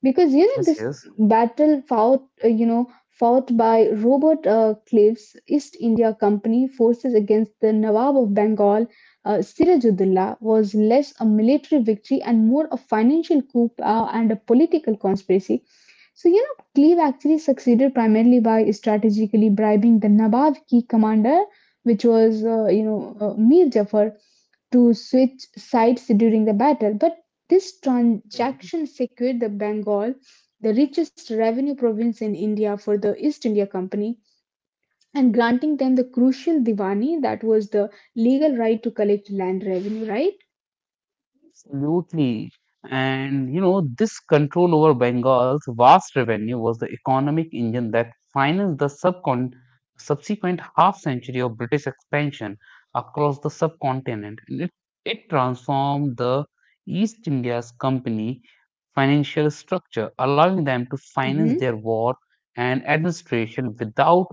S2: because you know
S1: Yes,
S2: this
S1: yes.
S2: battle fought uh, you know fought by Robert uh, Cliff's East India Company forces against the Nawab of Bengal, uh, Sirajudullah. Was less a military victory and more a financial coup, uh, and a political conspiracy. So you know Clive actually succeeded primarily by strategically bribing the nawab key commander, which was uh, you know uh, Mir Jafar, to switch sides during the battle. But this transaction secured the Bengal, the richest revenue province in India, for the East India Company, and granting them the crucial Diwani, that was the legal right to collect land revenue, right?
S1: Absolutely. And you know, this control over Bengal's vast revenue was the economic engine that financed the subcon subsequent half century of British expansion across the subcontinent. And it, it transformed the East India's company financial structure, allowing them to finance
S2: Mhm.
S1: their war and administration without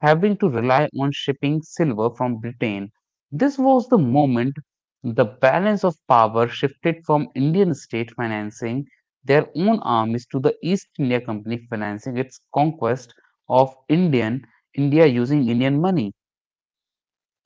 S1: having to rely on shipping silver from Britain. This was the moment the balance of power shifted from Indian state financing their own armies to the East India Company financing its conquest of Indian India using Indian money.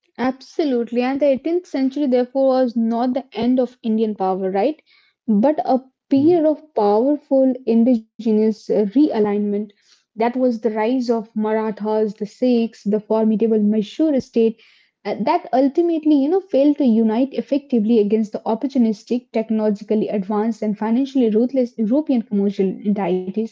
S2: Absolutely, and the eighteenth century therefore was not the end of Indian power, right? But a period of powerful indigenous uh, realignment. That was the rise of Marathas, the Sikhs, the formidable Mysore state, uh, that ultimately, you know, failed to unite effectively against the opportunistic, technologically advanced, and financially ruthless European commercial entities.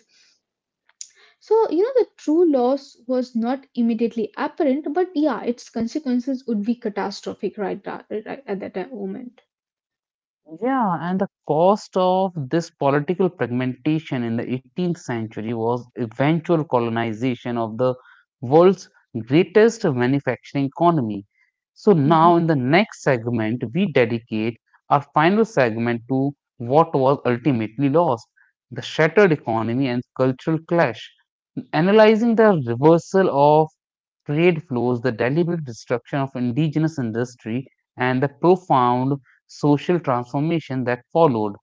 S2: So, you know, the true loss was not immediately apparent, but yeah, its consequences would be catastrophic, right, tha- right at that moment.
S1: Yeah, and the cost of this political fragmentation in the eighteenth century was eventual colonization of the world's greatest manufacturing economy. So, now
S2: Mm-hmm.
S1: in the next segment, we dedicate our final segment to what was ultimately lost, the shattered economy and cultural clash, analyzing the reversal of trade flows, the deliberate destruction of indigenous industry, and the profound social transformation that followed.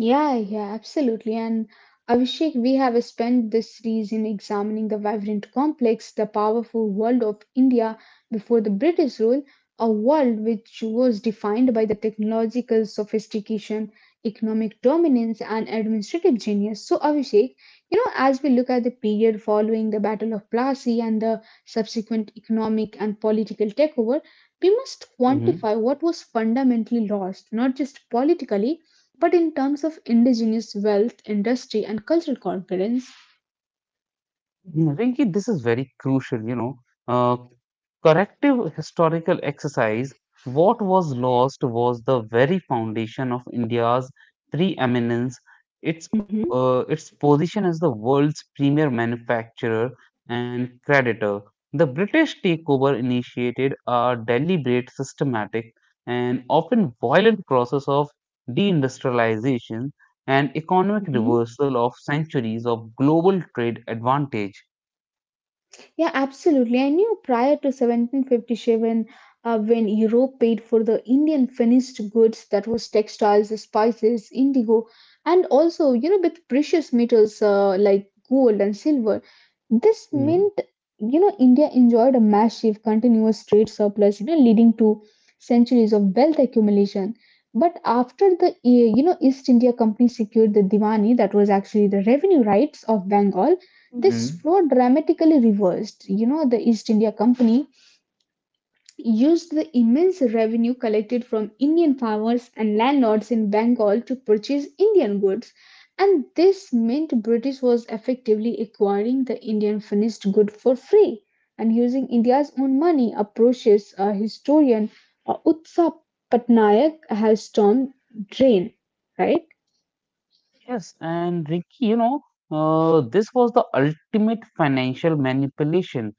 S2: Yeah, yeah, absolutely. And Abhishek, we have spent this series in examining the vibrant complex, the powerful world of India before the British rule, a world which was defined by the technological sophistication, economic dominance, and administrative genius. So, Abhishek, you know, as we look at the period following the Battle of Plassey and the subsequent economic and political takeover, we must
S1: Hmm
S2: quantify what was fundamentally lost, not just politically but in terms of indigenous wealth, industry, and cultural confidence.
S1: Mm, Rinki, this is very crucial, you know. Uh, Corrective historical exercise, what was lost was the very foundation of India's preeminence. Its
S2: Mhm,
S1: uh, its position as the world's premier manufacturer and creditor. The British takeover initiated a deliberate, systematic, and often violent process of deindustrialization and economic
S2: mhm.
S1: reversal of centuries of global trade advantage.
S2: Yeah, absolutely. I knew prior to seventeen fifty-seven, uh, when Europe paid for the Indian finished goods, that was textiles, spices, indigo, and also, you know, with precious metals uh, like gold and silver. This
S1: Mhm.
S2: meant, you know, India enjoyed a massive continuous trade surplus, you know, leading to centuries of wealth accumulation. But after the, eh, you know, East India Company secured the Diwani, that was actually the revenue rights of Bengal. This
S1: Mhm.
S2: fraud dramatically reversed. You know, the East India Company used the immense revenue collected from Indian farmers and landlords in Bengal to purchase Indian goods, and this meant British was effectively acquiring the Indian finished good for free and using India's own money. A precious uh, historian, uh, Utsa Patnaik, has termed drain, right?
S1: Yes, and Ricky, you know, uh, this was the ultimate financial manipulation.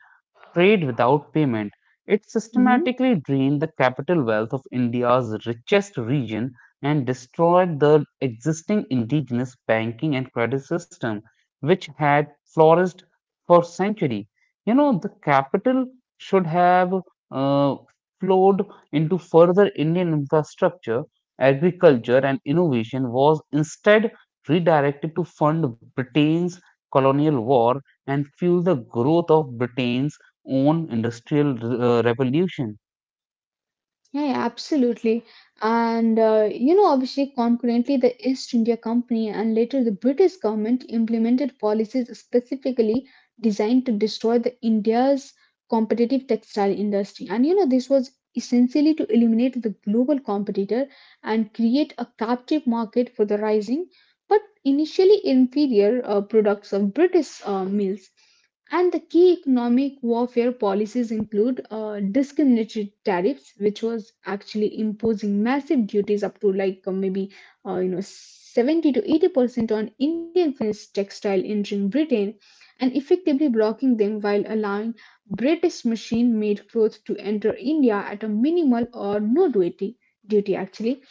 S1: Trade without payment. It
S2: Mhm.
S1: systematically drained the capital wealth of India's richest region and destroyed the existing indigenous banking and credit system which had flourished for centuries. You know, the capital should have uh, flowed into further Indian infrastructure, agriculture, and innovation was instead redirected to fund Britain's colonial war and fuel the growth of Britain's own industrial uh, revolution.
S2: Yeah, yeah, absolutely. And uh, you know, Abhishek, concurrently, the East India Company and later the British government implemented policies specifically designed to destroy the India's competitive textile industry. And you know, this was essentially to eliminate the global competitor and create a captive market for the rising but initially inferior uh, products of British uh, mills. And the key economic warfare policies include uh, discriminatory tariffs, which was actually imposing massive duties up to like uh, maybe uh, you know seventy to eighty percent on Indian finished textile entering Britain, and effectively blocking them while allowing British machine-made clothes to enter India at a minimal or no duty duty actually.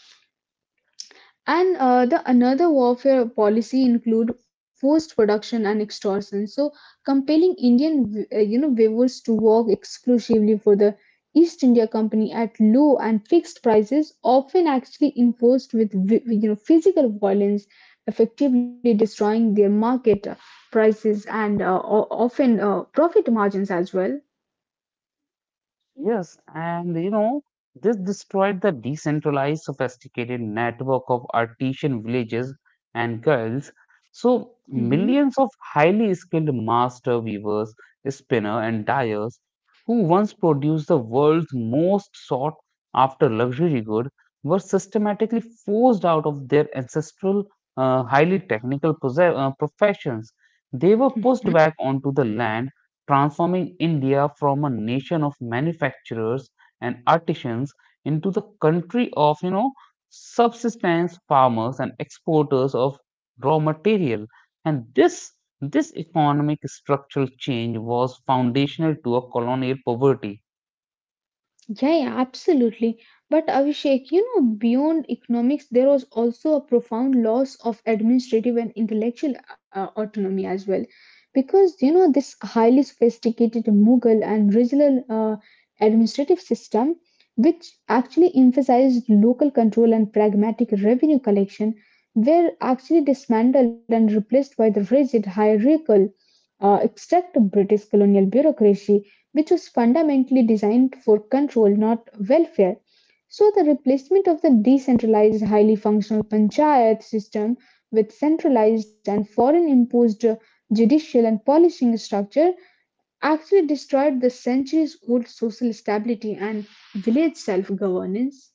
S2: And uh, the another warfare policy include forced production and extortion. So compelling Indian, uh, you know, weavers to work exclusively for the East India Company at low and fixed prices, often actually enforced with vi- you know physical violence, effectively destroying their market uh, prices and uh, o- often uh, profit margins as well.
S1: Yes, and you know, this destroyed the decentralized, sophisticated network of artisan villages and guilds. So,
S2: Mhm.
S1: millions of highly skilled master weavers, spinner, and dyers who once produced the world's most sought after luxury good were systematically forced out of their ancestral, uh, highly technical posse- uh, professions. They were pushed
S2: Mhm.
S1: back onto the land, transforming India from a nation of manufacturers and artisans into the country of, you know, subsistence farmers and exporters of raw material. And this this economic structural change was foundational to a colonial poverty.
S2: Yeah, yeah, absolutely. But Abhishek, you know, beyond economics, there was also a profound loss of administrative and intellectual uh, autonomy as well. Because, you know, this highly sophisticated Mughal and regional uh, administrative system, which actually emphasized local control and pragmatic revenue collection, were actually dismantled and replaced by the rigid hierarchical uh, extract British colonial bureaucracy, which was fundamentally designed for control, not welfare. So, the replacement of the decentralized, highly functional panchayat system with centralized and foreign imposed judicial and policing structure actually destroyed the centuries old social stability and village self governance.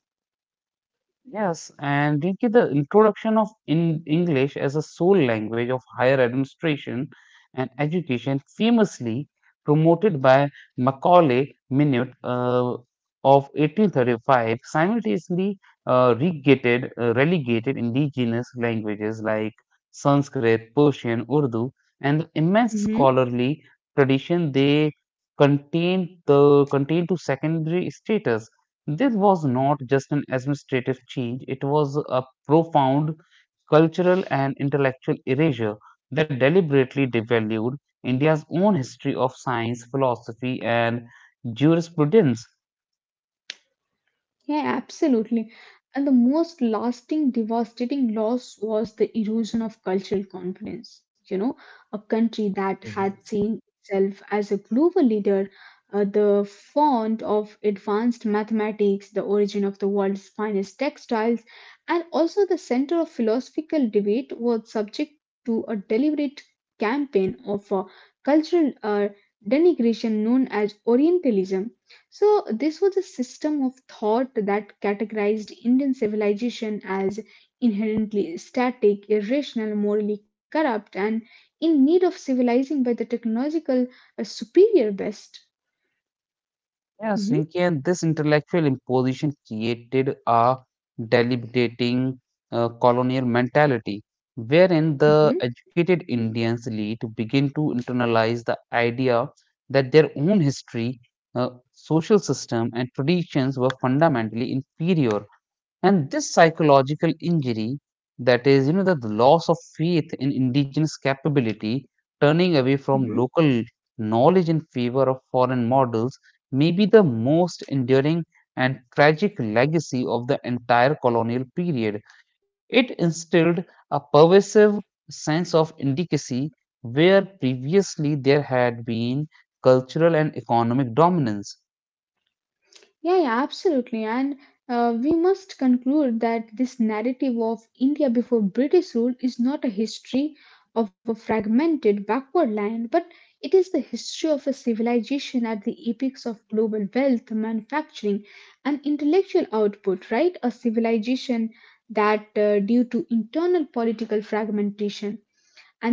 S1: Yes, and Riki, the introduction of in English as a sole language of higher administration and education, famously promoted by Macaulay Minute uh, of eighteen thirty-five, simultaneously uh, regated, uh, relegated indigenous languages like Sanskrit, Persian, Urdu, and the immense
S2: Mhm.
S1: scholarly tradition they contain the contain to secondary status. This was not just an administrative change, it was a profound cultural and intellectual erasure that deliberately devalued India's own history of science, philosophy, and jurisprudence.
S2: Yeah, absolutely. And the most lasting, devastating loss was the erosion of cultural confidence. You know a country that had seen itself as a global leader, uh, the font of advanced mathematics, the origin of the world's finest textiles, and also the center of philosophical debate, was subject to a deliberate campaign of uh, cultural uh, denigration known as Orientalism. So, this was a system of thought that categorized Indian civilization as inherently static, irrational, morally corrupt, and in need of civilizing by the technological uh, superior best.
S1: Yes, Sinki,
S2: Mhm,
S1: and this intellectual imposition created a deliberating uh, colonial mentality, wherein the
S2: mhm,
S1: educated Indian elite begin to internalize the idea that their own history, uh, social system, and traditions were fundamentally inferior, and this psychological injury, that is, you know, the, the loss of faith in indigenous capability, turning away from
S2: mhm.
S1: local knowledge in favor of foreign models, may be the most enduring and tragic legacy of the entire colonial period. It instilled a pervasive sense of indicacy where previously there had been cultural and economic dominance.
S2: Yeah, yeah, absolutely. And uh, we must conclude that this narrative of India before British rule is not a history of a fragmented backward land, but it is the history of a civilization at the apex of global wealth, manufacturing, and intellectual output, right? A civilization that, uh, due to internal political fragmentation,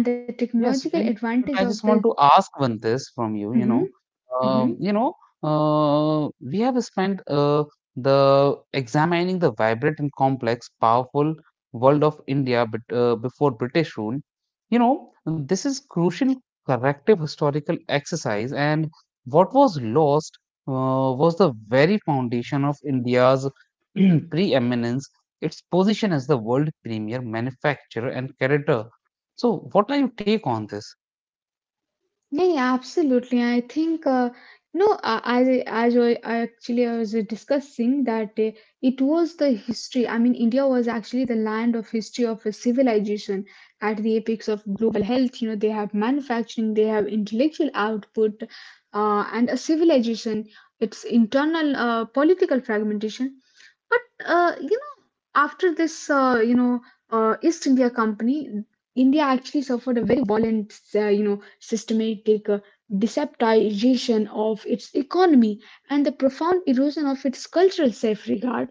S2: and the
S1: Yes,
S2: technological
S1: Rinki, but
S2: advantage
S1: I
S2: of
S1: just want
S2: this.
S1: to ask one this from you, you know,
S2: Hmm.
S1: um,
S2: Hmm.
S1: you know, uh, we have spent uh, the examining the vibrant and complex, powerful world of India but, uh, before British rule. You know, this is crucial corrective historical exercise, and what was lost uh, was the very foundation of India's preeminence, its position as the world premier manufacturer and creditor. So, what are your take on this?
S2: Yeah, yeah, absolutely. I think uh, you know, uh, as I, as I I actually I was discussing that uh, it was the history. I mean, India was actually the land of history of a civilization at the apex of global health. You know, they have manufacturing, they have intellectual output, uh, and a civilization. Its internal uh, political fragmentation. But uh, you know, after this, uh, you know, uh, East India Company, India actually suffered a very violent, uh, you know, systematic uh, deceptization of its economy and the profound erosion of its cultural self-regard.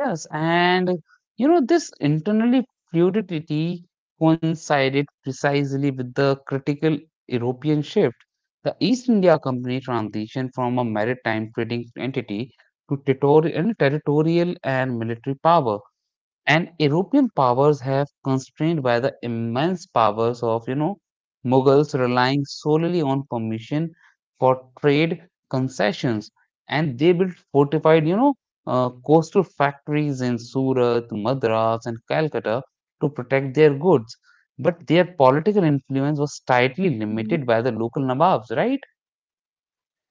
S1: Yes, and you know, this internally fluidity coincided precisely with the critical European shift. The East India Company transition from a maritime trading entity to territorial, territorial and military power. And European powers have constrained by the immense powers of you know Mughals relying solely on permission for trade concessions, and they built fortified you know uh, coastal factories in Surat, Madras, and Calcutta to protect their goods. But their political influence was tightly limited by the local nawabs, right?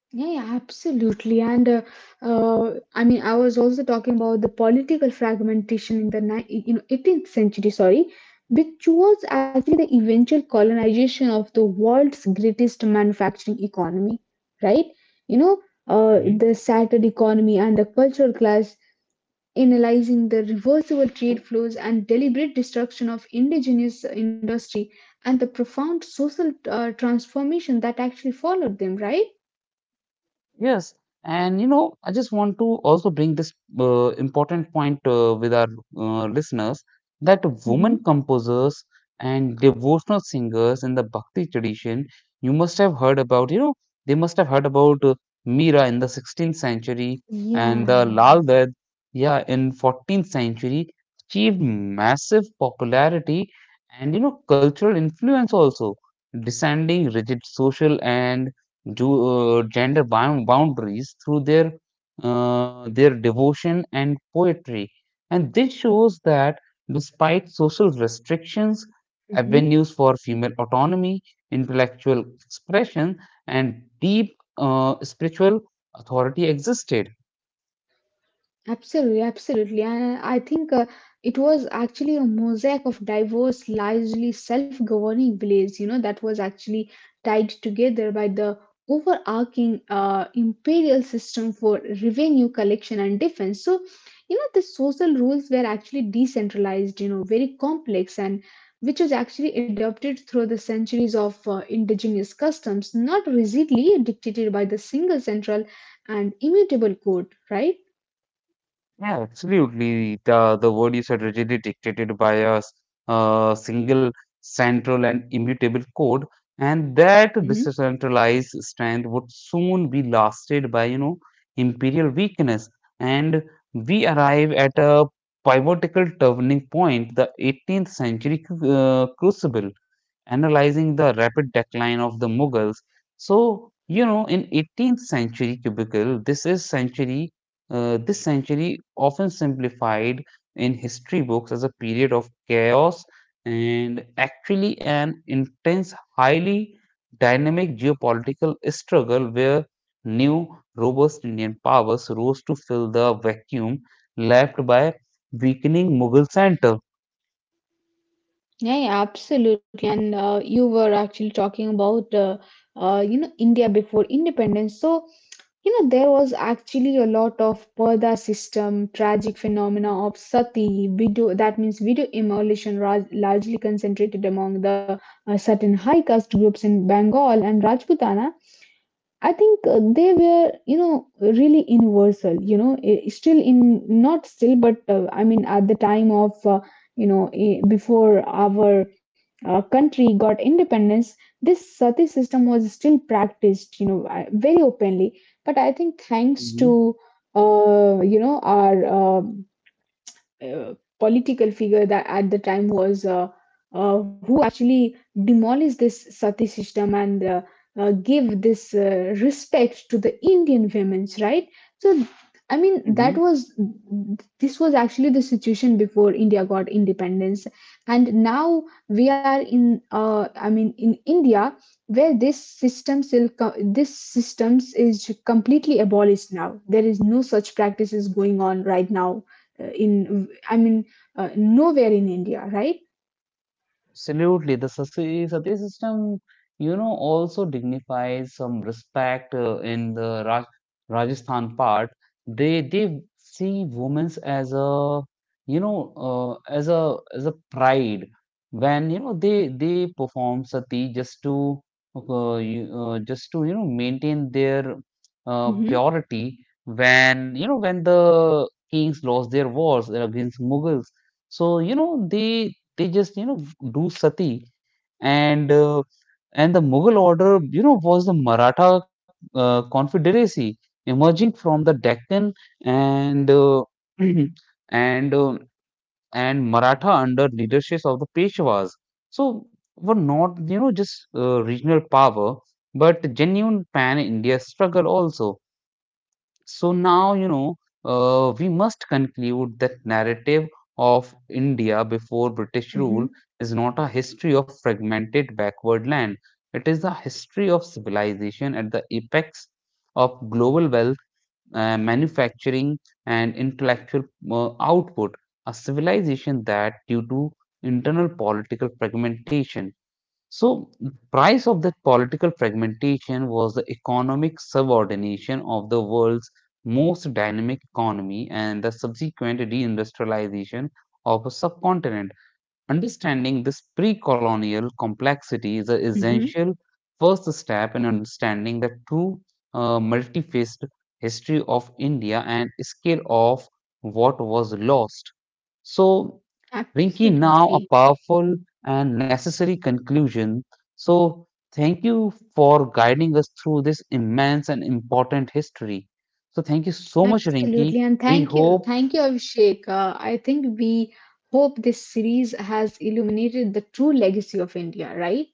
S2: Yeah, yeah, absolutely. And uh, uh, I mean, I was also talking about the political fragmentation in the ni- you know eighteenth century, sorry, which was actually the eventual colonization of the world's greatest manufacturing economy, right? You know, uh, the shattered economy and the cultural class, analyzing the reversible trade flows and deliberate destruction of indigenous industry and the profound social uh, transformation that actually followed them, right?
S1: Yes, and you know, I just want to also bring this uh, important point uh, with our uh, listeners that
S2: Mm-hmm.
S1: women composers and devotional singers in the Bhakti tradition, you must have heard about, you know, they must have heard about uh, Meera in the sixteenth century
S2: Yeah,
S1: and the
S2: yeah.
S1: Lal Ded, yeah, in fourteenth century, achieved massive popularity and you know cultural influence also descending rigid social and ju- uh, gender bound boundaries through their uh, their devotion and poetry, and this shows that despite social restrictions
S2: Hmm.
S1: avenues for female autonomy, intellectual expression, and deep uh, spiritual authority existed.
S2: Absolutely, absolutely. And uh, I think uh, it was actually a mosaic of diverse, largely self governing villages, you know, that was actually tied together by the overarching uh, imperial system for revenue collection and defense. So, you know, the social rules were actually decentralized, you know, very complex, and which was actually adopted through the centuries of uh, indigenous customs, not rigidly dictated by the single central and immutable code, right?
S1: Yeah, absolutely. The, the word you said, rigidly dictated by a s- uh, single central and immutable code, and that
S2: Mhm.
S1: decentralized strength would soon be lasted by, you know, imperial weakness. And we arrive at a pivotal turning point, the eighteenth century cru- uh, crucible analyzing the rapid decline of the Mughals. So, you know, in eighteenth century cubicle, this is century, uh, this century often simplified in history books as a period of chaos and actually an intense, highly dynamic geopolitical struggle where new robust Indian powers rose to fill the vacuum left by weakening Mughal center.
S2: Yeah, yeah, absolutely. And uh, you were actually talking about, uh, uh, you know, India before independence. So, you know, there was actually a lot of purdah system, tragic phenomena of sati, widow, that means widow emulation, ra- largely concentrated among the uh, certain high caste groups in Bengal and Rajputana. I think uh, they were, you know, really universal, you know, eh, still in, not still, but uh, I mean, at the time of, uh, you know, eh, before our uh, country got independence, this sati system was still practiced, you know, I- very openly. But I think thanks
S1: Mhm,
S2: to, uh, you know, our uh, uh, political figure that at the time was uh, uh, who actually demolished this sati system and uh, uh, gave this uh, respect to the Indian women's right. So, I mean, that
S1: mhm.
S2: was this was actually the situation before India got independence, and now we are in uh, I mean in India where this system still co- this systems is completely abolished now. There is no such practices going on right now uh, in, I mean, uh, nowhere in India, right?
S1: Absolutely, the Sati Sati system, you know, also dignifies some respect uh, in the Raj Rajasthan part. They they see women as a, you know, uh, as a as a pride when, you know, they they perform sati just to, uh, you- uh, just to, you know, maintain their uh,
S2: Hmm.
S1: purity when, you know, when the kings lost their wars against Mughals. So, you know, they they just, you know, do sati. And uh, and the mughal order, you know, was the Maratha uh, confederacy emerging from the Deccan, and uh, and uh, and Maratha under leadership of the Peshwas, so were not, you know, just uh, regional power but genuine pan India struggle also. So now, you know, uh, we must conclude that narrative of India before British rule
S2: Hmm.
S1: is not a history of fragmented backward land. It is a history of civilization at the apex of global wealth, uh, manufacturing, and intellectual uh, output. A civilization that, due to internal political fragmentation, so, the price of that political fragmentation was the economic subordination of the world's most dynamic economy and the subsequent deindustrialization of a subcontinent. Understanding this pre colonial complexity is an
S2: Hmm.
S1: essential first step in understanding the true uh, multifaced history of India and scale of what was lost. So, Rinki, now a
S2: Absolutely,
S1: powerful and necessary conclusion. So, thank you for guiding us through this immense and important history. So, thank you so much, Rinki.
S2: absolutely, and
S1: We
S2: thank you,
S1: hope,
S2: thank you, Abhishek. Uh, I think we hope this series has illuminated the true legacy of India, right?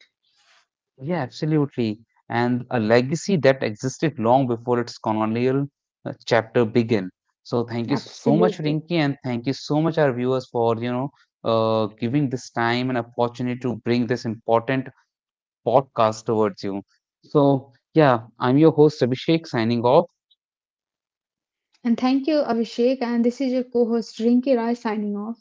S1: yeah, absolutely, and a legacy that existed long before its colonial uh, chapter began. So, thank you so much,
S2: Absolutely,
S1: Rinki, and thank you so much, our viewers, for you know uh, giving this time and opportunity to bring this important podcast towards you. So, yeah, I'm your host Abhishek signing off.
S2: and thank you, Abhishek. And this is your co-host Rinki Rai signing off.